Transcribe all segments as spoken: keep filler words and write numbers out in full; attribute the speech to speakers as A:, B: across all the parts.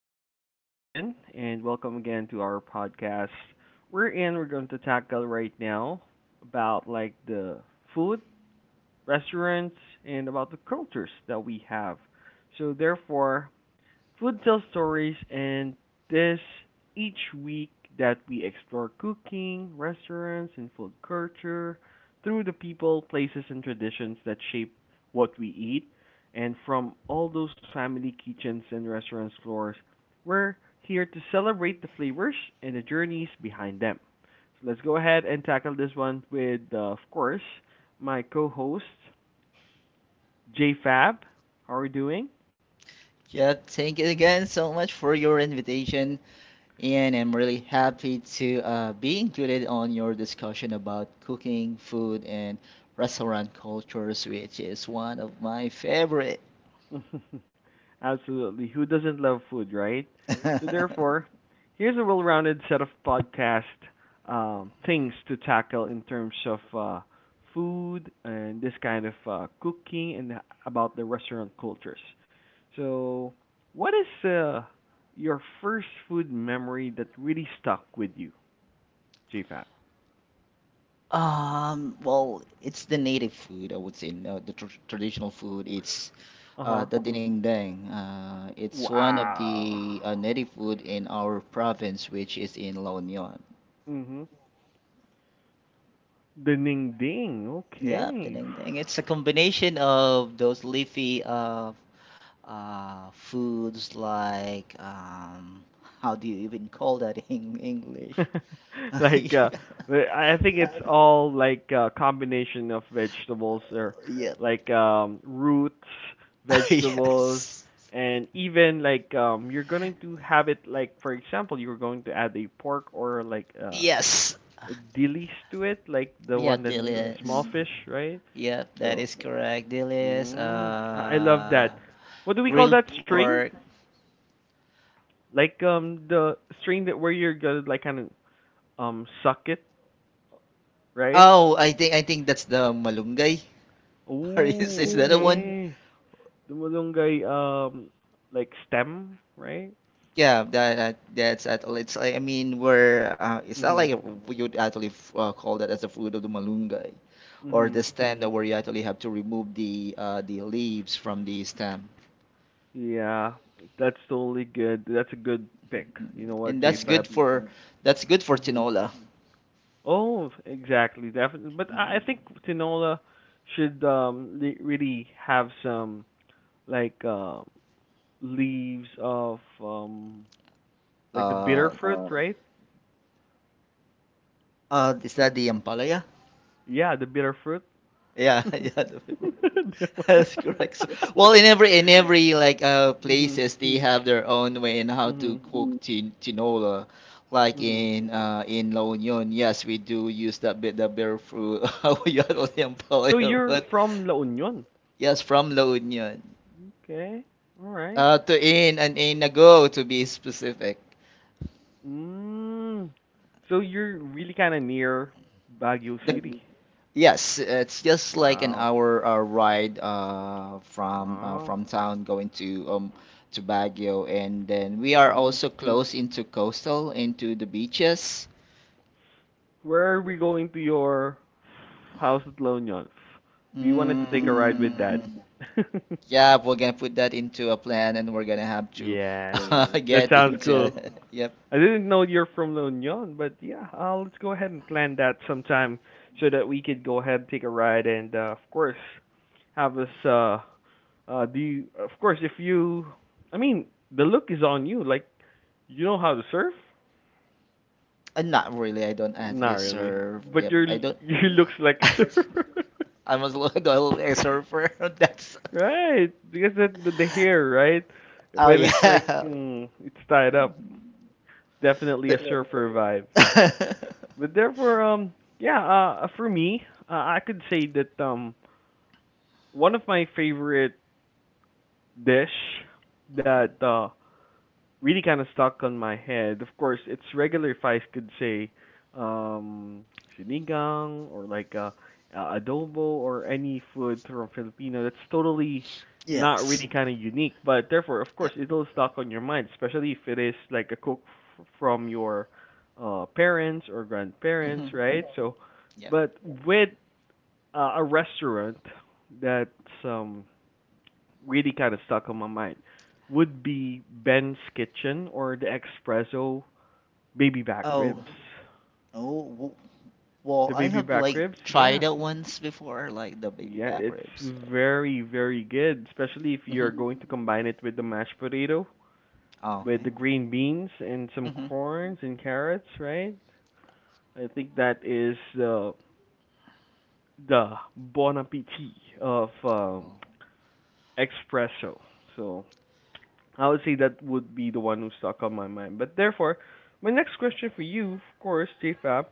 A: um, this is Ian, and welcome again to our podcast. We're in. We're going to tackle right now about like the food, restaurants, and about the cultures that we have. So therefore, food tell stories, and this each week that we explore cooking, restaurants, and food culture through the people, places, and traditions that shape what we eat. And from all those family kitchens and restaurants floors, we're here to celebrate the flavors and the journeys behind them. So let's go ahead and tackle this one with, uh, of course, my co-host, J Fab. How are you doing?
B: Yeah, thank you again so much for your invitation, and I'm really happy to uh, be included on your discussion about cooking, food, and restaurant cultures, which is one of my favorite.
A: Absolutely. Who doesn't love food, right? So therefore, here's a well-rounded set of podcast um, things to tackle in terms of uh, food and this kind of uh, cooking and about the restaurant cultures. So, what is uh, your first food memory that really stuck with you, JFAT?
B: Um, well, it's the native food, I would say. No, the tr traditional food. It's
A: Uh
B: uh,
A: huh.
B: the dinengdeng. Uh, it's one of
A: Wow.
B: the uh, native food in our province, which is in La Union.
A: Mhm. The Ning Ding.
B: Yeah,
A: Okay.
B: ding-ding. It's a combination of those leafy uh, uh, foods like um, how do you even call that in English?
A: like uh I think it's all like a combination of vegetables or
B: Yeah. Yep.
A: like um roots, vegetables,
B: Yes.
A: and even like um you're going to have it, like for example you're going to add a pork or like uh
B: Yes.
A: a dillies to it, like the one
B: Yep,
A: that's uh, small
B: Delius.
A: fish, right?
B: Yep,
A: Mm.
B: that
A: So,
B: is correct. Delius,
A: mm, I I love that.
B: uh,
A: What do we call that
B: grilled
A: string?
B: pork.
A: Like um the string that where you're gonna like kind of um suck it, right?
B: Oh, I think I think that's the malunggay. Or is is
A: Oh,
B: that the one?
A: okay. The malunggay, um, like stem, right?
B: Yeah, that, that that's actually it's like, I mean we're uh, it's not
A: Mhm.
B: like we would actually f- uh, call that as a fruit of the malunggay or the
A: Mhm.
B: stem that where you actually have to remove the uh, the leaves from the stem.
A: Yeah, that's totally good. That's a good pick.
B: Mm,
A: You know what,
B: And that's good
A: JFab?
B: for, Mm-hmm, that's good for
A: Mhm.
B: tinola.
A: Oh, exactly, definitely. But I, I think Tinola should um le really have some like um leaves of um like the
B: Uh,
A: bitter fruit, right?
B: uh, is that the ampalaya?
A: Yeah, the bitter fruit.
B: Yeah, yeah, the favorite. That's correct. So, well, in every in every like uh
A: mhm.
B: places they have their own way in how to
A: Mhm.
B: cook tin tinola. Like
A: Mhm.
B: in uh in La Union, yes, we do use that bit the bear fruit. We are only
A: So
B: employer,
A: you're
B: but
A: from La Union.
B: yes, from La Union.
A: Okay. All right.
B: Uh, to in and in ago to be specific.
A: Mm. So you're really kind of near Baguio
B: The
A: City.
B: Yes, it's just like an
A: Wow.
B: hour uh, ride uh, from uh,
A: Wow.
B: from town going to um to Baguio, and then we are
A: Mhm.
B: also close into coastal, into the beaches.
A: Where are we going to your house at La Union? We wanted to take a ride with that.
B: Mm, yeah, we're gonna put that into a plan, and we're gonna have to
A: yes.
B: uh,
A: That
B: get
A: sounds
B: into
A: cool.
B: it. Yep.
A: I didn't know you're from La Union, but yeah, uh, let's go ahead and plan that sometime so that we could go ahead and take a ride and uh, of course have us uh uh do you, of course if you I mean the look is on you like you know how to surf?
B: Uh, not really. I don't
A: Not
B: actually
A: really,
B: surf.
A: but your
B: Yep. I don't.
A: you looks like a surfer,
B: I'm a little a surfer. That's.
A: right? Because the, the hair, right?
B: Oh
A: When it's like
B: yeah.
A: mm, it's tied up, definitely a
B: The-
A: surfer vibe. But therefore, um, yeah, uh, uh, for me, uh, I could say that um, one of my favorite dish that uh really kind of stuck on my head. Of course, it's regular if could say um sinigang or like uh, uh, adobo or any food from Filipino that's totally not
B: Yes.
A: really kind of unique, but therefore, of
B: Yeah.
A: course, it'll stuck on your mind, especially if it is like a cook f- from your uh parents or grandparents,
B: Hmm.
A: right? So,
B: Yeah.
A: but with uh, a restaurant that's um really kind of stuck on my mind would be Ben's Kitchen or the Espresso Baby Back
B: Oh.
A: Ribs.
B: Oh. w- Well,
A: The
B: I
A: baby
B: have
A: back
B: like
A: ribs, yeah.
B: tried it once before, like the baby
A: Yeah,
B: back
A: it's
B: ribs. So.
A: very, very good, especially if you're
B: Hmm.
A: going to combine it with the mashed potato,
B: Oh,
A: with
B: okay.
A: the green beans and some
B: Hmm.
A: corns and carrots, right? I think that is uh, the bon appetit of um,
B: Well.
A: espresso. So I would say that would be the one who stuck on my mind. But therefore, my next question for you, of course, JFab,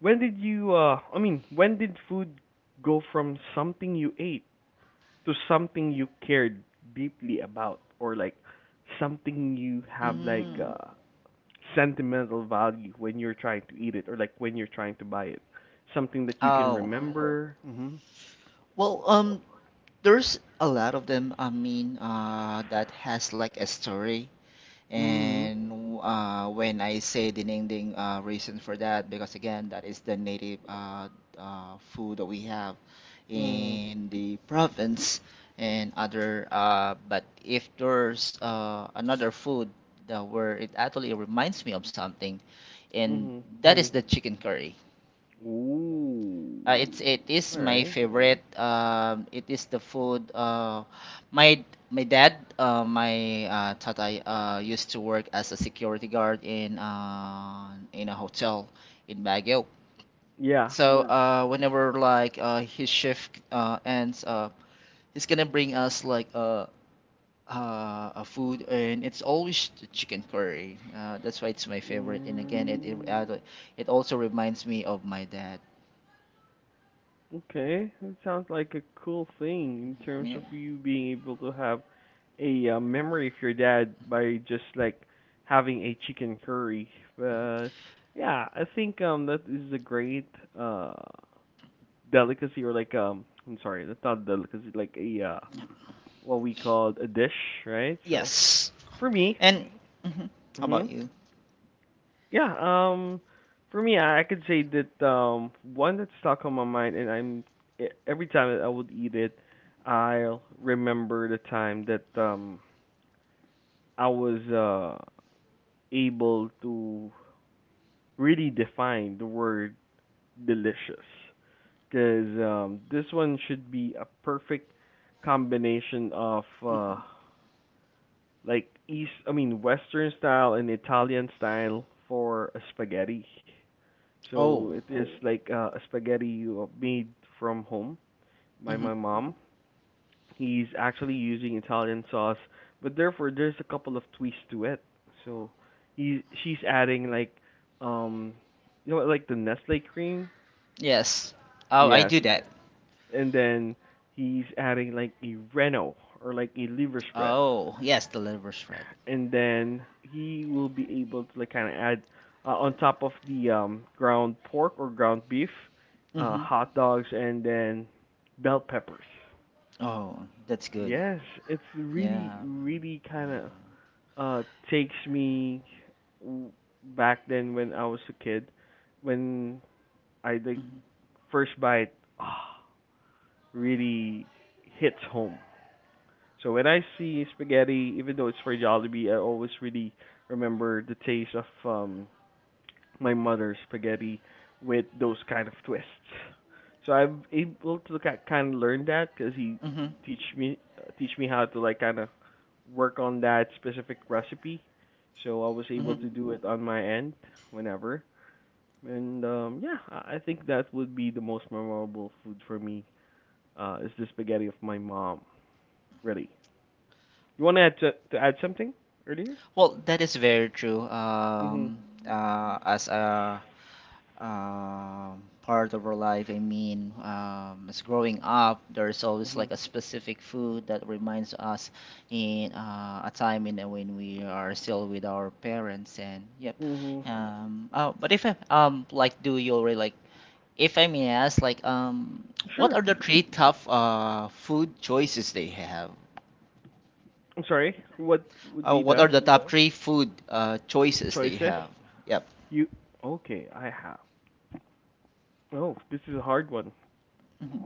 A: when did you, uh, I mean, when did food go from something you ate to something you cared deeply about, or like something you have like
B: Mm.
A: uh, sentimental value when you're trying to eat it, or like when you're trying to buy it, something that you can
B: Oh.
A: remember. Mhm.
B: Well, um, there's a lot of them. I mean, uh, that has like a story.
A: Mhm.
B: And uh, when I say dinding uh, reason for that, because again, that is the native uh, uh, food that we have
A: Mhm.
B: in the province and other. Uh, but if there's uh, another food that where it actually reminds me of something, and
A: Mhm.
B: that is the chicken curry.
A: Ooh.
B: Uh, it's it is
A: All
B: my
A: right.
B: favorite. Um, it is the food. Uh, my my dad, uh, my uh, tatay, uh, used to work as a security guard in uh, in a hotel in Baguio.
A: Yeah,
B: So uh, whenever like uh, his shift uh, ends, uh, he's gonna bring us like uh, uh, a food, and it's always the chicken curry. Uh, that's why it's my favorite. And again, it it,
A: Mm,
B: uh, it also reminds me of my dad.
A: okay, that sounds like a cool thing in terms
B: Yeah.
A: of you being able to have a uh, memory of your dad by just like having a chicken curry. But yeah, I think um that is a great uh delicacy or like um I'm sorry, that's not delicacy, like a uh what we called a dish, right? So
B: Yes.
A: for me,
B: And mhm, how
A: mhm.
B: about you?
A: Yeah, um for me I I could say that um one that's stuck on my mind and I'm e- every time that I would eat it I'll remember the time that um I was uh able to really define the word delicious cuz um this one should be a perfect combination of uh like east I mean western style and Italian style for a spaghetti. So
B: Oh.
A: it is like uh, a spaghetti uh, made from home by
B: Hmm.
A: my mom. He's actually using Italian sauce, but therefore there's a couple of twists to it. So he she's adding like um you know like the Nestle cream?
B: Yes. Oh, I
A: Yes.
B: do that.
A: And then he's adding like a Reno or like a liver spread.
B: Oh, yes, the liver shred.
A: And then he will be able to like kind of add uh, on top of the um, ground pork or ground beef, uh,
B: Hmm.
A: hot dogs, and then bell peppers.
B: Oh, that's good.
A: Yes, it's really
B: Yeah.
A: really
B: Uh,
A: kind of uh, takes me w- back then when I was a kid, when I like first bite, ah, really hits home. So when I see spaghetti, even though it's for Jollibee, I always really remember the taste of um my mother's spaghetti with those kind of twists. So I'm able to kind of learn that because he
B: Mm-hmm.
A: teach me uh, teach me how to like kind of work on that specific recipe. So I was
B: Hmm.
A: able
B: Hmm.
A: to do it on my end whenever. And um yeah, I I think that would be the most memorable food for me. Uh, is the spaghetti of my mom, really. You want to add to, to add something earlier?
B: Well, that is very true. Um,
A: Mhm.
B: uh, as a um, part of our life. I mean, um, as growing up, there's always like
A: Mhm.
B: a specific food that reminds us in uh, a time in uh, when we are still with our parents. And yep.
A: Mhm.
B: Um, oh, but if I, um like, do you already like? If I may ask, like, um, what
A: Sure.
B: are the three top uh, food choices they have?
A: I'm sorry. What would
B: Uh,
A: be
B: what are
A: the
B: the top three food uh, choices they
A: choices?
B: have? Yep.
A: You okay? I have. Oh, this is a hard one.
B: Hmm.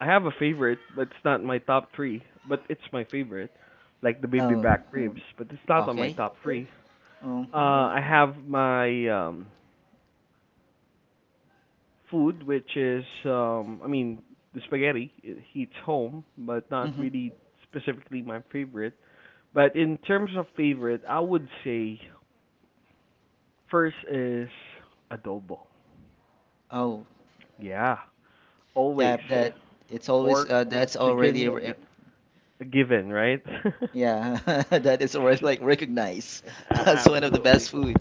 A: I have a favorite, but it's not my top three. But it's my favorite, like the baby
B: Oh,
A: back ribs. But it's not on my
B: okay.
A: top three. Uh,
B: Mm-hmm.
A: I have my um food, which is um I mean the spaghetti. It heats home, but not
B: Mm-hmm.
A: really specifically my favorite. But in terms of favorite, I would say first is adobo.
B: Oh,
A: Yeah,
B: yeah,
A: always
B: that it's always
A: pork,
B: uh, that's already
A: chicken,
B: re-
A: a given, right?
B: yeah, that is already
A: S-
B: like recognized
A: a-
B: as one of the
A: absolutely,
B: best food.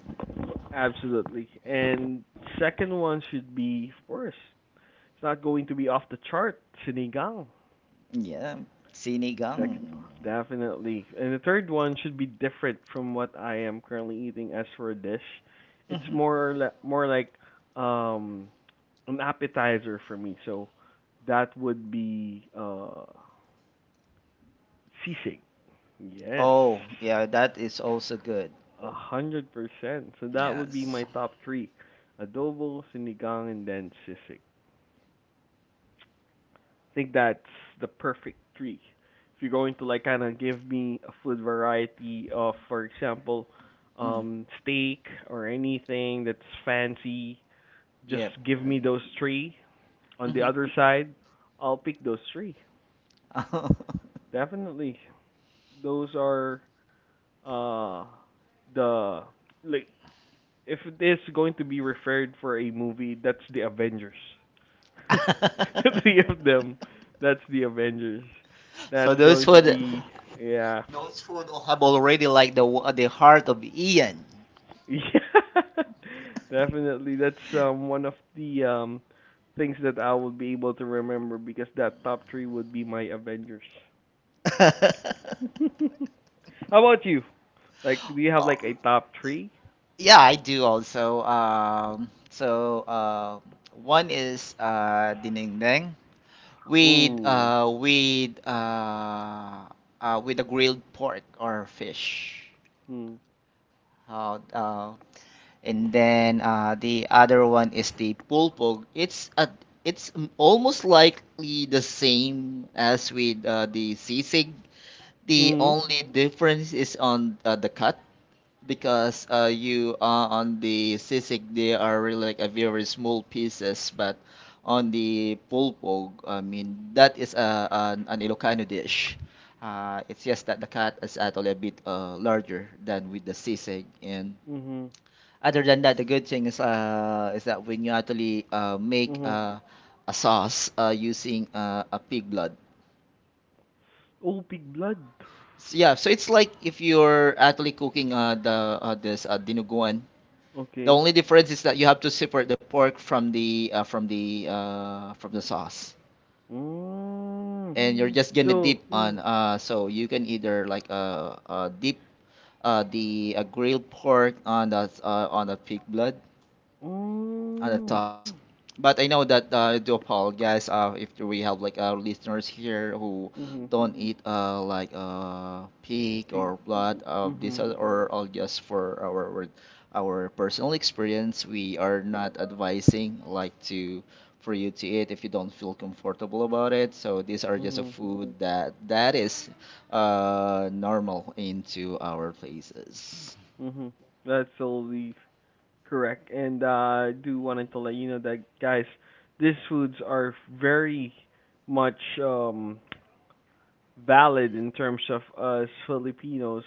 A: absolutely. And second one should be, of course, it's not going to be off the chart, sinigang.
B: Yeah, sinigang.
A: Second one, definitely. And the third one should be different from what I am currently eating as for a dish. It's
B: Hmm.
A: more li- more like um an appetizer for me. So that would be uh sisig. Yes.
B: Oh, yeah, that is also good.
A: A hundred percent. So that would be my
B: Yes.
A: top three. Adobo, sinigang, and then sisig. I think that's the perfect tree. If you're going to like kind of give me a food variety of, for example,
B: Mm.
A: um, steak or anything that's fancy, just
B: Yep.
A: give me those three. On the
B: Hmm.
A: other side, I'll pick those three. Definitely, those are uh the like if it is going to be referred for a movie, that's the Avengers. the three of them. That's the Avengers.
B: So
A: That's
B: those
A: going to
B: food,
A: be yeah.
B: those food all have already like the the heart of Ian.
A: Yeah. Definitely that's um one of the um things that I will be able to remember because that top three would be my Avengers. How about you? Like do you have like a top three?
B: Yeah, I do also. Um, so uh, one is uh, dinengdeng with
A: Ooh.
B: uh, with uh, uh, with a grilled pork or fish.
A: Mm.
B: Uh, uh, and then uh, the other one is the pulpog. It's a it's m- almost likely the same as with uh, the sisig. The
A: Mm.
B: only difference is on uh, the cut, because uh, you uh, on the sisig they are really like a very small pieces, but on the pulpog, I mean, that is a an, an Ilocano dish. Uh, it's just that the cat is actually a bit uh, larger than with the sisig, and
A: Mhm.
B: other than that, the good thing is uh, is that when you actually uh, make
A: Mhm.
B: uh, a sauce uh, using uh, a pig blood.
A: Oh, Big Blood.
B: So, yeah, so it's like if you're actually cooking uh, the uh, this uh, dinuguan. The
A: Okay.
B: only difference is that you have to separate the pork from the uh, from the uh, from the sauce,
A: Mm.
B: and you're just gonna dip
A: So,
B: on. Uh, so you can either like uh, uh, dip uh, the uh, grilled pork on the uh, on the pig blood. Oh, that's
A: mm.
B: us. But I know that uh, I do apologize uh, if we have like uh, listeners here who
A: Mhm.
B: don't eat uh, like uh, pig
A: Pe-
B: or blood of this
A: mhm.
B: uh, or all just for our our our personal experience. We are not advising like to for you to eat if you don't feel comfortable about it. So these are just a
A: Mhm.
B: food that that is uh, normal into our places.
A: Mhm. That's totally correct. And uh, I do wanted to let you know that guys, these foods are very much um valid in terms of us Filipinos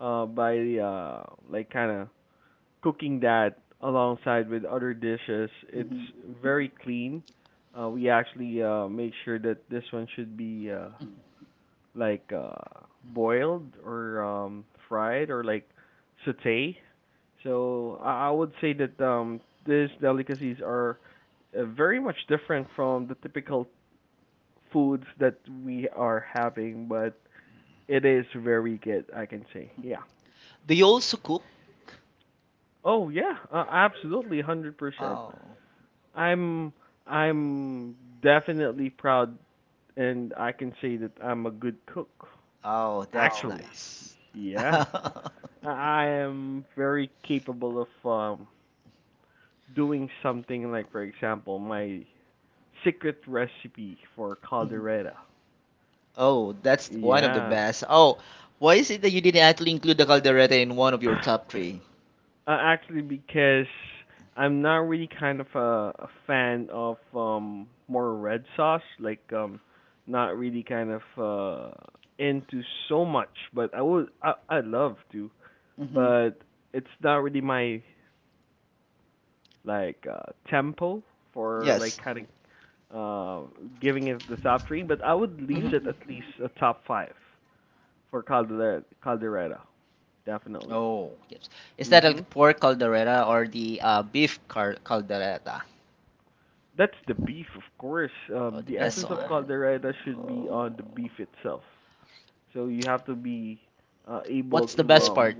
A: uh by uh like kind of cooking that alongside with other dishes. It's very clean. Uh we actually uh make sure that this one should be uh like uh boiled or um fried or like sauté. So I I would say that um these delicacies are uh, very much different from the typical foods that we are having, but it is very good, I can say. Yeah.
B: Do you also cook?
A: Oh yeah, uh, absolutely one hundred percent.
B: Oh.
A: I'm I'm definitely proud and I can say that I'm a good cook.
B: Oh, that's
A: Actually,
B: nice.
A: yeah. I am very capable of um, doing something like, for example, my secret recipe for caldereta.
B: Oh, that's one of the
A: Yeah.
B: best. Oh, why is it that you didn't actually include the caldereta in one of
A: uh,
B: your top three?
A: actually, because I'm not really kind of a, a fan of um, more red sauce, like um, not really kind of uh, into so much. But I would, I, I love to,
B: Mm-hmm.
A: but it's not really my like uh, tempo for like
B: Yes.
A: kind of uh, giving it the top three, but I would lease it
B: Hmm.
A: at least a top five for Caldera, Caldereta, definitely.
B: Oh, yes. Is that a
A: Hmm
B: pork caldereta or the uh, beef car caldereta?
A: That's the beef, of course.
B: Oh,
A: Um,
B: the
A: the
B: best
A: essence of
B: one.
A: Caldereta should be on the
B: Oh.
A: beef itself. So you have to be uh, able
B: What's the
A: to.
B: best
A: Um,
B: part?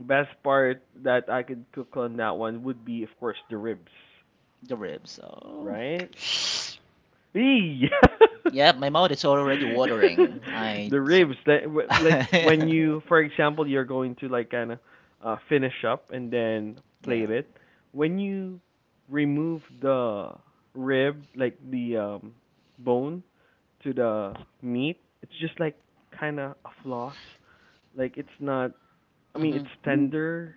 A: best part that I could cook on that one would be, of course, the ribs,
B: The ribs. Oh.
A: right? Eee!
B: Yeah, my mouth is already watering. I.
A: The ribs that w- like when you, for example, you're going to like kind of uh finish up and then
B: yeah.
A: plate it when you remove the rib, like the um bone to the meat, it's just like kind of a floss, like it's not i mean
B: Mm-hmm.
A: it's tender.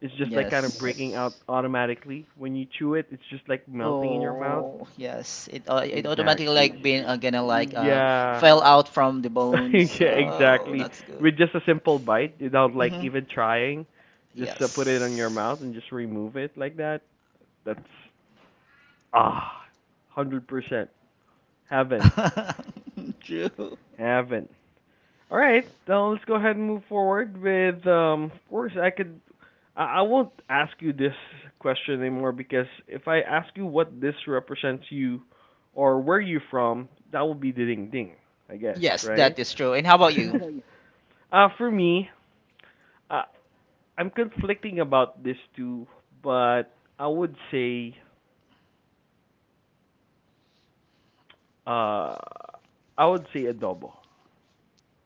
A: It's just like kind of breaking out
B: Yes.
A: automatically when you chew it. It's just like melting in your mouth.
B: Oh, yes. It uh, it automatically
A: Exactly.
B: like being uh, gonna like uh
A: Yeah.
B: fell out from the bones.
A: Yeah,
B: Oh,
A: exactly.
B: that's good.
A: With just a simple bite, without like
B: Mm-hmm.
A: even trying, just uh, put it in your mouth
B: Yes.
A: and just remove it like that. That's ah, hundred percent heaven,
B: True.
A: heaven. All right, now let's go ahead and move forward with um. Of course, I could. I I won't ask you this question anymore, because if I ask you what this represents you or where you from, that would be the ding ding, I guess,
B: Yes,
A: right?
B: that is true. And how about you?
A: Uh, for me, I I'm conflicting about this too, but I would say uh I would say adobo.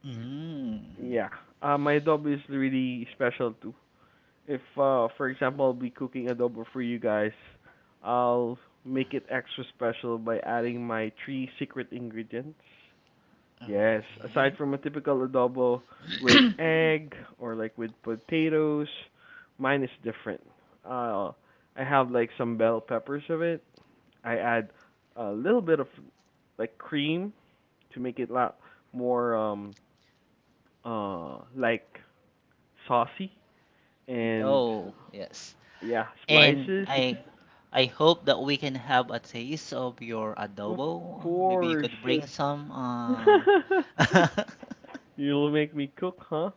B: Mm.
A: Yeah. Uh my adobo is really special too. If uh for example, I'll be cooking adobo for you guys, I'll make it extra special by adding my three secret ingredients. Yes, aside
B: Okay.
A: from a typical adobo with egg or like with potatoes, mine is different. Uh I have like some bell peppers of it. I add a little bit of like cream to make it a lot more um uh like saucy and
B: Oh, yes.
A: yeah,
B: And
A: spices.
B: I I hope that we can have a taste of your
A: Of
B: adobo. Maybe you
A: course.
B: could bring some uh
A: You'll make me cook, huh?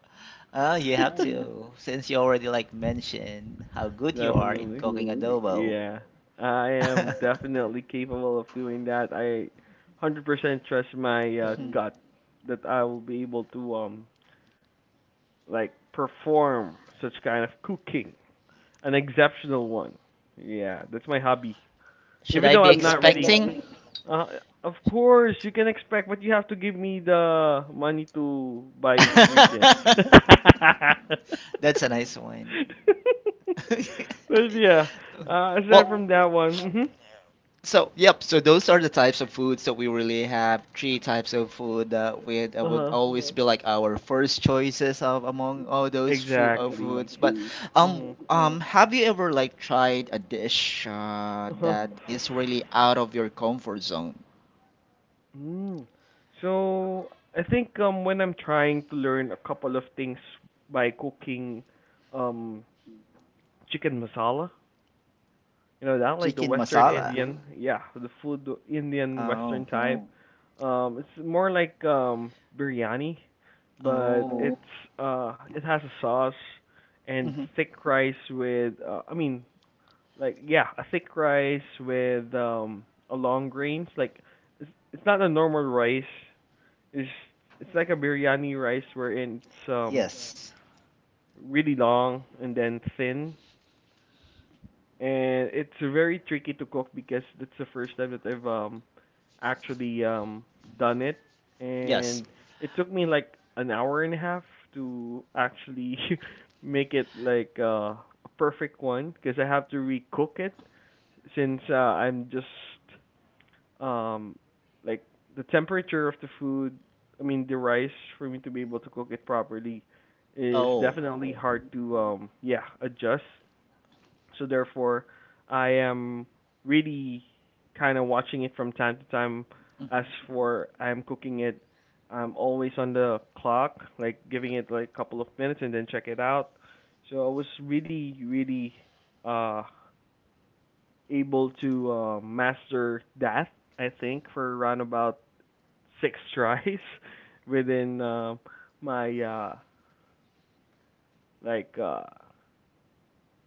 B: Oh, you have to, since you already like mentioned how good you are in
A: Definitely.
B: cooking adobo.
A: Yeah. I am definitely capable of doing that. I one hundred percent trust my uh, gut that I will be able to um like perform such kind of cooking. An exceptional one. Yeah, that's my hobby.
B: Should
A: Even
B: I
A: though
B: be and
A: I'm not really.
B: expecting?
A: Uh, of course, you can expect, but you have to give me the money to buy
B: Then,
A: ingredients.
B: That's a nice one.
A: But yeah, uh, aside
B: Well,
A: from that one, mm-hmm.
B: so, yep, so those are the types of foods that we really have. Three types of food that we that
A: Uh
B: would
A: huh,
B: always be like our first choices of among all those food uh,
A: exactly.
B: foods. But um
A: Mm-hmm.
B: um have you ever like tried a dish uh,
A: Uh huh.
B: that is really out of your comfort zone?
A: Mm. So I think um when I'm trying to learn a couple of things by cooking um chicken masala. You know that, like the
B: Chicken
A: Western
B: masala.
A: Indian, yeah, the food, Indian
B: Oh.
A: Western type. Mm. Um, it's more like um biryani, but it's
B: Oh.
A: uh it has a sauce and
B: Hmm.
A: thick rice with uh, I mean like yeah, a thick rice with um a long grains like, it's it's not a normal rice it's it's like a biryani rice wherein it's um
B: Yes.
A: really long and then thin, and it's very tricky to cook because that's the first time that I've um actually um done it,
B: Yes.
A: and it took me like an hour and a half to actually make it like uh, a perfect one because I have to recook it since uh, I'm just um like the temperature of the food, I mean the rice, for me to be able to cook it properly is
B: Oh.
A: definitely hard to um yeah adjust. So therefore, I am really kind of watching it from time to time. As
B: Hmm.
A: for I'm cooking it, I'm always on the clock, like giving it like a couple of minutes and then check it out. So I was really, really uh able to uh, master that. I think for around about six tries within uh, my uh like uh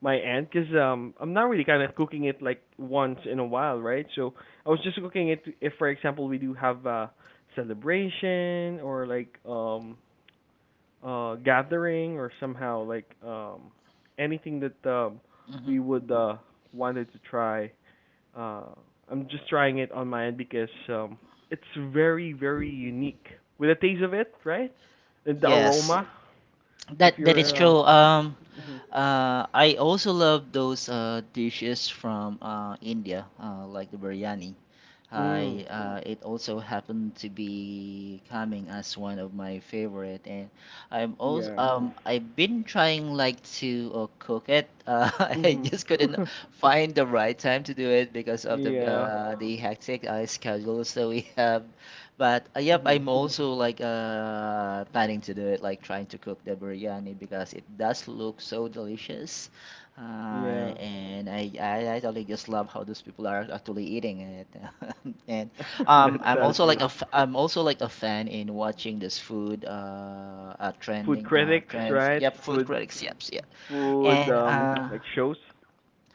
A: my aunt, because um I'm not really kind of cooking it like once in a while, right? So I was just cooking it if, for example, we do have a celebration or like um uh gathering or somehow like um anything that um
B: Hmm.
A: we would uh wanted to try. Uh, I'm just trying it on my end because um it's very, very unique with the taste of it, right? And the
B: Yes.
A: aroma. If
B: That that is
A: you're uh,
B: true. Um, Uh, I also love those uh, dishes from uh, India, uh, like the biryani.
A: mm,
B: I uh, It also happened to be coming as one of my favorite, and I'm also um I've been trying like to uh, cook it. Uh, I
A: mhm.
B: just couldn't find the right time to do it because of the
A: Yeah.
B: uh, the hectic uh, schedules that we have. But uh, yep,
A: Hmm.
B: I'm also like uh planning to do it, like trying to cook the biryani because it does look so delicious. Uh,
A: Yeah,
B: and I, I I totally just love how those people are actually eating it. And
A: that
B: um, I'm
A: sounds
B: also like
A: good.
B: a f I'm also like a fan in watching this food uh, uh
A: Food
B: trending uh
A: critics,
B: trends.
A: right?
B: Yep, food
A: Food,
B: critics. Yep, yep.
A: food,
B: And
A: um,
B: uh,
A: like shows.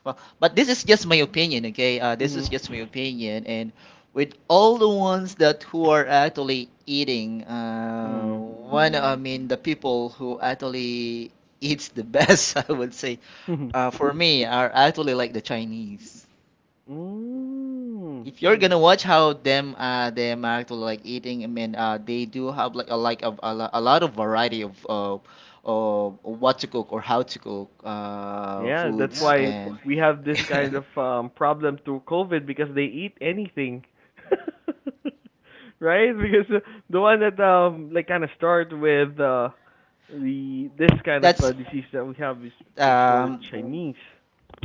B: well, but this is just my opinion, okay? Uh, this is just
A: Hmm.
B: my opinion. And with all the ones that who are actually eating, uh,
A: Mm.
B: one I mean the people who actually eats the best, I would say uh, for me are actually like the Chinese.
A: Mm.
B: If you're gonna watch how them uh them actually like eating, I mean uh they do have like a like of a, lo- a lot of variety of uh, of what to cook or how to cook uh
A: Yeah, that's
B: foods. Yeah, good
A: why
B: and
A: we have this kind
B: point.
A: of um problem through COVID because they eat anything. Right? Because the the one that um like kind of start with uh the this kind of uh,
B: that's
A: disease that we have is is for
B: um
A: Chinese.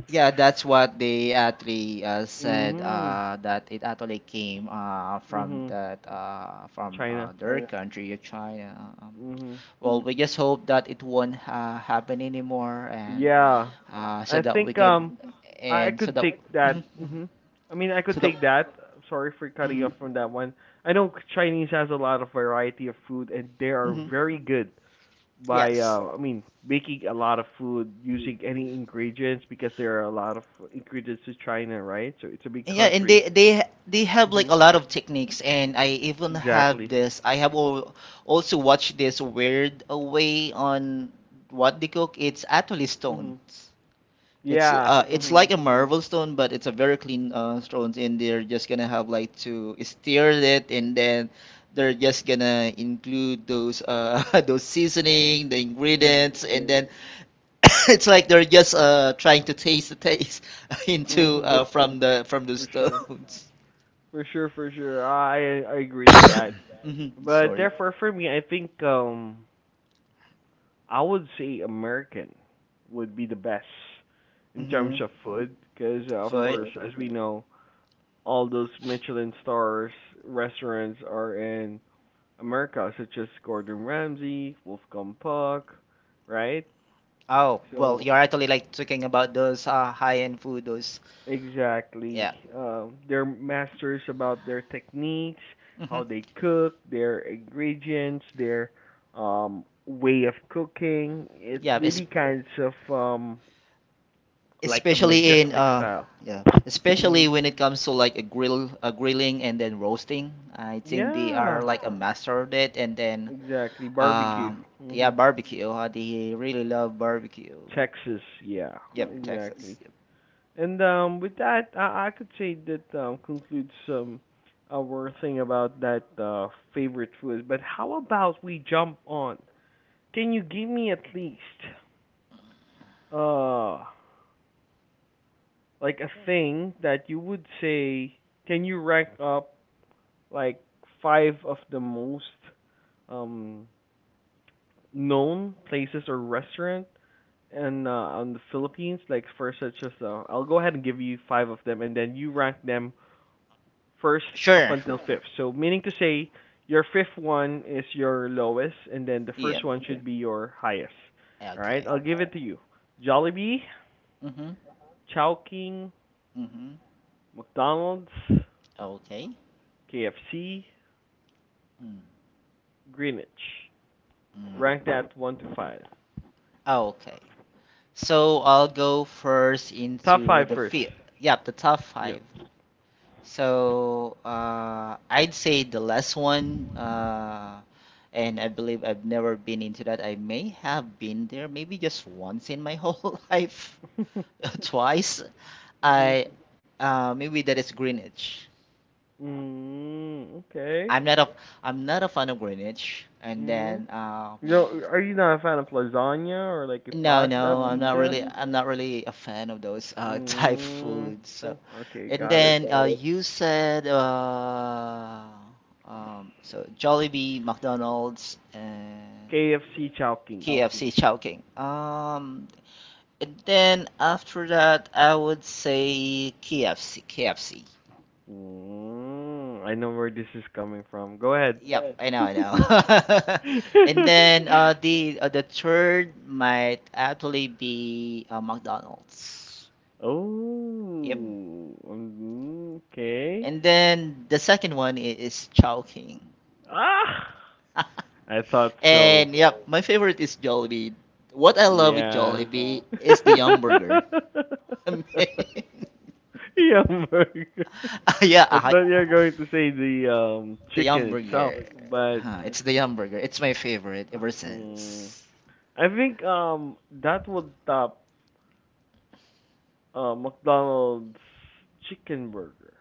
B: yeah, that's what they actually uh, said
A: Mhm.
B: uh that it actually came uh from
A: Mhm.
B: that uh from
A: China.
B: uh their China country, uh, China um.
A: Mhm.
B: Well, we just hope that it won't uh, happen anymore, and
A: Yeah.
B: uh, so
A: I
B: that we
A: think
B: can,
A: um I I
B: and so
A: could
B: that,
A: take
B: Mhm.
A: that. Mhm. I mean, I could
B: So that,
A: take that. Sorry for cutting you
B: Mhm.
A: off from that one. I know Chinese has a lot of variety of food and they are
B: Mhm.
A: very good by
B: Yes,
A: uh I mean, making a lot of food using any ingredients, because there are a lot of ingredients to China, right? So it's a big
B: yeah, and
A: country.
B: they they they have like
A: Mhm.
B: a lot of techniques, and I even have
A: Exactly.
B: this. I have al- also watched this weird uh, way on what they cook. It's actually stones.
A: Mhm.
B: It's
A: Yeah.
B: uh, it's like
A: Mhm.
B: a marble stone, but it's a very clean uh, stones, and they're just gonna have like to stir it, and then they're just gonna include those uh those seasoning, the
A: Mhm.
B: ingredients, and then it's like they're just uh trying to taste the taste into
A: Mhm.
B: uh from the from the
A: For sure.
B: stones.
A: For sure, for sure. I I agree to that.
B: Hmm.
A: But
B: Sorry.
A: therefore, for me, I think um I would say American would be the best in terms
B: Hmm.
A: of food, because uh, of course,
B: Food.
A: as we know, all those Michelin stars restaurants are in America, such as Gordon Ramsay, Wolfgang Puck, right?
B: Oh, well,
A: So
B: you're actually like talking about those uh high-end food, those
A: exactly.
B: yeah.
A: Um, they're masters about their techniques,
B: Hmm.
A: how they cook, their ingredients, their um, way of cooking. It
B: Yeah, it's
A: really kinds of um, like a
B: especially in
A: majestic
B: uh
A: style.
B: yeah, especially
A: Mhm.
B: when it comes to like a grill a grilling and then roasting. I think they are
A: Yeah.
B: like a master of it. And then
A: Exactly. Barbecue.
B: um yeah,
A: Mhm.
B: barbecue, uh, they really love barbecue.
A: Texas. Yeah.
B: Yep, Texas,
A: Exactly.
B: yep.
A: And um, with that, I, I could say that um, concludes um, our thing about that uh, favorite food. But how about we jump on. Can you give me at least uh like a thing that you would say, can you rank up like five of the most um known places or restaurant, and uh on the Philippines like first, such as uh, I'll go ahead and give you five of them and then you rank them first up
B: Sure.
A: until fifth. So meaning to say your fifth one is your lowest and then the first
B: Yep.
A: one, okay, should be your highest. All right?
B: Okay.
A: I'll give it to you. Jollibee,
B: Mm-hmm.
A: Chowking,
B: Mm-hmm.
A: McDonald's,
B: Okay.
A: K F C,
B: Mm.
A: Greenwich.
B: Mm.
A: Rank that one to five.
B: Okay, so I'll go first
A: Top
B: into
A: five
B: the
A: first.
B: field. Yep, the top
A: Yeah.
B: five. So, uh, I'd say the last one, uh, and I believe I've never been into that. I may have been there maybe just once in my whole life, twice.
A: Mhm.
B: I uh, Maybe that is Greenwich.
A: Mm, okay.
B: I'm not a I'm not a fan of Greenwich, and
A: Mhm.
B: then uh,
A: You know, are you not a fan of lasagna or like a
B: no,
A: pasta,
B: no, I'm not really
A: pizza?
B: I'm not really a fan of those uh Thai
A: No. Mm,
B: foods. So, oh,
A: okay,
B: and okay,
A: got it.
B: then uh got you, said uh um so Jollibee, McDonald's and
A: K F C Chowking.
B: K F C Chowking. K F C Chowking. Um and then after that I would say K F C, K F C.
A: Mm, I know where this is coming from. Go ahead.
B: Yep. Yeah, I know, I know. And then uh the uh, the third might actually be uh, McDonald's. Yep.
A: Oh, mm, okay.
B: And then the second one i- is Chowking.
A: Ah, I thought so.
B: And yep, my favorite is Jollibee. What I love with
A: Yeah.
B: Jollibee is the Yum Burger. I mean,
A: Yum burger.
B: yeah,
A: I
B: I,
A: thought you were going to say the um
B: the Yum
A: chicken itself,
B: Burger.
A: but
B: Huh, it's the Yum Burger. It's my favorite ever
A: hmm,
B: since.
A: I think um that would top uh McDonald's chicken burger.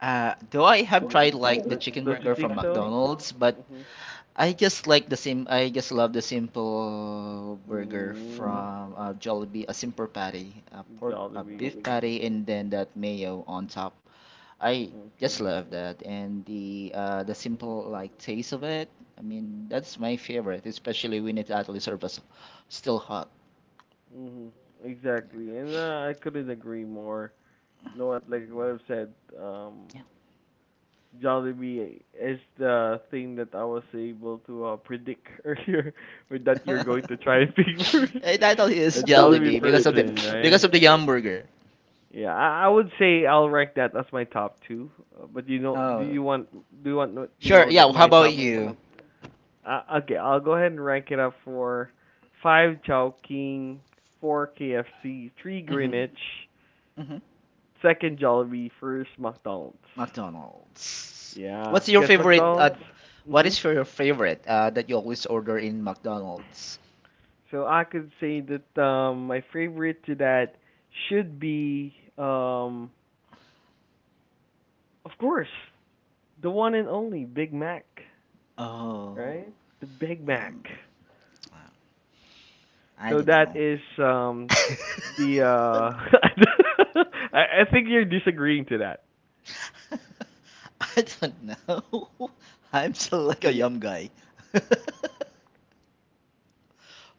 B: Uh, though I have
A: Is it-
B: tried like the
A: do
B: chicken
A: don't you
B: burger
A: think
B: from
A: so?
B: McDonald's, but
A: Mhm.
B: I just like the sim. I just love the simple burger
A: Mm,
B: from uh, Jollibee. A simple patty, a pork, a
A: Jollibee.
B: beef
A: Okay.
B: patty, and then that mayo on top. I
A: Okay.
B: just love that, and the uh, the
A: Mhm.
B: simple like taste of it. I mean, that's my favorite, especially when it actually serves us still hot.
A: Mhm. Exactly, and uh, I couldn't agree more. No, what- like what I've said, um,
B: Yeah.
A: Jollibee eh, is the thing that I was able to uh, predict earlier, with that
B: Yeah.
A: you're going to try and pick first.
B: It actually
A: A
B: is
A: Jollibee
B: Jollibee because
A: person,
B: of the
A: Jollibee, right?
B: because of the hamburger.
A: Yeah, I, I would say I'll rank that as my top two. Uh, But you know, do
B: Oh,
A: you want do you want to
B: sure.
A: know that
B: Yeah. How
A: my
B: about
A: top one?
B: you?
A: Uh, okay, I'll go ahead and rank it up for five Chowking, four K F C, three
B: Mhm.
A: Greenwich,
B: Mhm.
A: second Jollibee, first McDonald's.
B: McDonald's.
A: Yeah,
B: What's your
A: because
B: favorite? Uh,
A: McDonald's. Work.
B: what
A: Hmm.
B: is your favorite uh, that you always order in McDonald's?
A: So I could say that um my favorite to that should be um of course, the one and only Big Mac,
B: Oh,
A: right? The Big Mac.
B: um, I
A: So
B: don't
A: that
B: know.
A: is um the uh I I think you're disagreeing to that.
B: I don't know. I'm still like a
A: Yeah.
B: yum guy.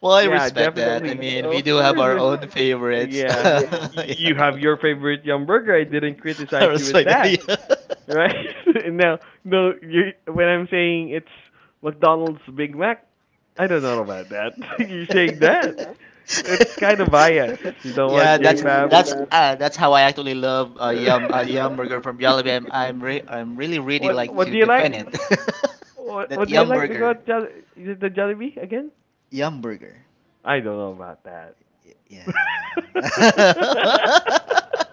B: Well, I
A: Yeah,
B: respect that. I
A: definitely.
B: mean, we
A: Of
B: do have our
A: course.
B: own
A: uh,
B: favorites.
A: Yeah, y- y- you have your favorite yum burger. I didn't
B: I
A: criticize you with
B: respect
A: that.
B: that. Yeah.
A: Right? No, no. You when I'm saying it's McDonald's Big Mac, I don't know about that. You're saying that. It's kind of biased. You know what,
B: Yeah, that's worry too,
A: J P A B?
B: that's bad. uh, that's how I actually love uh, yum uh, yum burger from Jollibee. I'm I'm, re I'm really really
A: what
B: like
A: What
B: to
A: do you like?
B: defend it.
A: What
B: That
A: What do you
B: yum
A: like
B: burger,
A: about Jolly? Is it the Jollibee again?
B: yum burger.
A: I don't know about that.
B: Y- Yeah.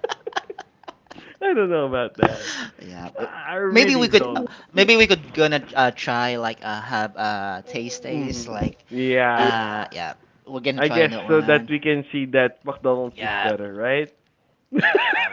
A: I don't know about that.
B: Yeah, but
A: I
B: maybe
A: really
B: we could uh,
A: don't.
B: maybe we could gonna uh, try like uh, have uh taste taste
A: Hmm.
B: like yeah.
A: Yeah,
B: uh yeah we're gonna
A: I
B: try
A: guess
B: another
A: so that
B: one.
A: we can see that McDonald's is
B: Yeah,
A: better, right?
B: yeah.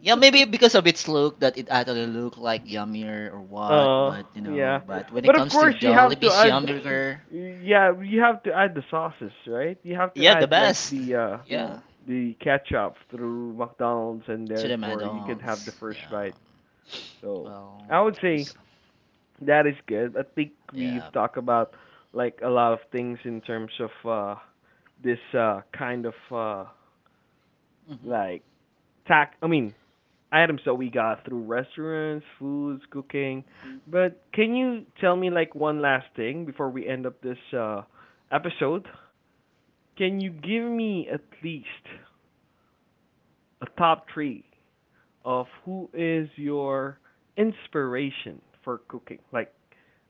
B: Yeah, maybe because of its look that it actually look like yummier or what,
A: Oh,
B: but you
A: yeah.
B: know, but when it
A: But of
B: comes to
A: course, you have to
B: Jollibee's
A: add.
B: hamburger,
A: Yeah, you have to add the sauces, right? You have to
B: yeah, the
A: add like
B: best.
A: the uh
B: Yeah,
A: the ketchup through McDonald's, and
B: to the
A: therefore you can have the
B: McDonald's.
A: first
B: Yeah,
A: bite. So
B: well,
A: I would say
B: s-
A: that is good. I think we've
B: yeah.
A: talked about like a lot of things in terms of uh this uh kind of uh
B: Hmm.
A: like tack I mean items that we got through restaurants, foods, cooking. But can you tell me like one last thing before we end up this uh episode? Can you give me at least a top three of who is your inspiration for cooking? Like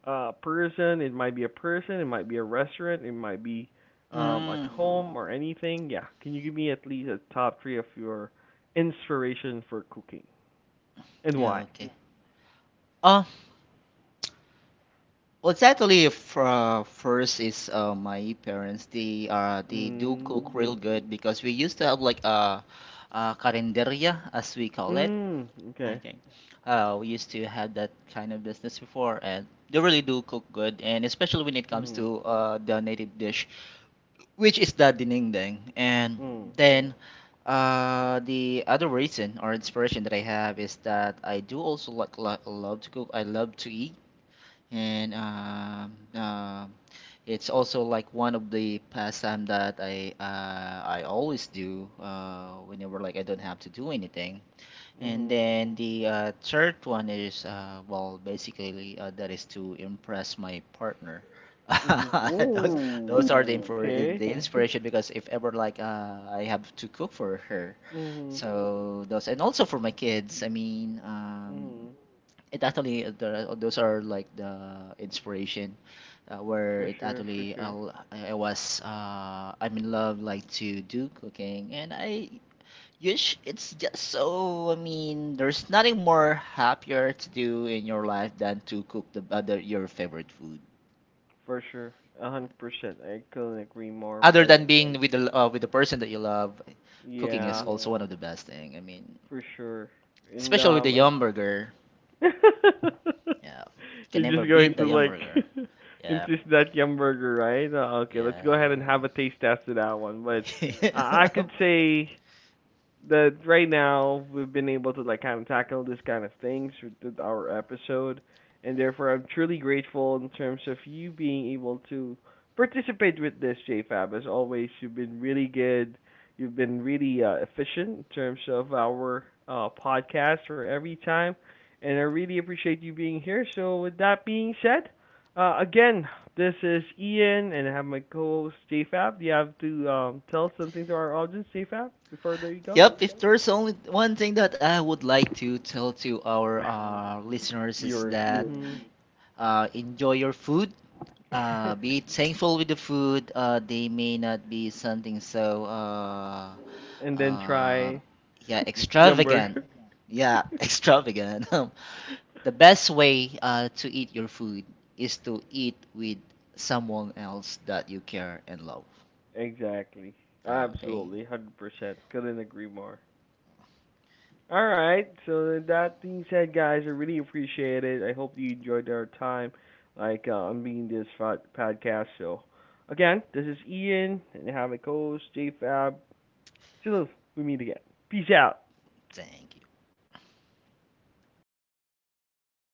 A: a person, it might be a person, it might be a restaurant, it might be um at
B: Mm,
A: home or anything. Yeah, can you give me at least a top three of your inspiration for cooking and
B: yeah,
A: why?
B: okay. Oh, well, it's actually for, uh, first is uh, my parents. They uh they do cook
A: Mm.
B: real good because we used to have like a, a carinderia as we call it.
A: Mm. Okay.
B: Okay. Uh, we used to have that kind of business before, and they really do cook good, and especially when it comes
A: Mm.
B: to uh, the native dish, which is the dinengdeng. And
A: Mm.
B: then uh, the other reason or inspiration that I have is that I do also like, like love to cook. I love to eat, and um, uh, it's also like one of the pastime that I uh, I always do uh, whenever like I don't have to do anything. And
A: Mhm.
B: then the uh, third one is, uh, well, basically uh, that is to impress my partner.
A: Mhm.
B: those those
A: Ooh.
B: are the, infor-
A: Okay.
B: the inspiration, because if ever like uh, I have to cook for her,
A: Mhm.
B: so those and also for my kids. I mean, um,
A: Mhm.
B: it actually uh, there are- those are like the inspiration uh, where
A: For
B: it
A: sure. For
B: actually
A: sure.
B: uh, I was uh, I'm in love like to do cooking. And I you sh- It's just so. I mean, there's nothing more happier to do in your life than to cook the other your favorite food.
A: For sure. A hundred percent. I couldn't agree more.
B: Other
A: But
B: than being with the uh, with the person that you love, cooking is
A: yeah,
B: also one. Yeah. Of the best thing, I mean,
A: for sure. And
B: especially with the
A: um, I
B: yum burger. Yeah, can
A: you're
B: never
A: just going
B: beat the
A: to
B: yum
A: like
B: burger. Yeah,
A: insist that yum burger, right? Uh, okay. Let's go ahead and
B: yeah.
A: have a taste test of that one. But I I could say that right now we've been able to like kind of tackle this kind of things with our episode, and therefore I'm truly grateful in terms of you being able to participate with this JFab. As always, you've been really good. You've been really uh, efficient in terms of our uh, podcast for every time, and I really appreciate you being here. So with that being said, uh, again, this is Ian, and I have my co-host JFab. Do you have to um, tell something to our audience, JFab, before I let you go?
B: Yep, if there's only one thing that I would like to tell to our uh, listeners is
A: Yours.
B: that
A: Hmm.
B: uh, enjoy your food, uh, be thankful with the food. Uh, they may not be something so uh,
A: And then
B: uh,
A: try
B: yeah,
A: Yum
B: extravagant.
A: Burger.
B: Yeah, extravagant. The best way uh, to eat your food is to eat with someone else that you care and love.
A: Exactly.
B: Okay,
A: Absolutely. one hundred percent. Couldn't agree more. All right. So, that being said, guys, I really appreciate it. I hope you enjoyed our time, like, uh, on being this podcast. So, again, this is Ian, and I have my co host, Fab. Till we meet again. Peace out.
B: thank you.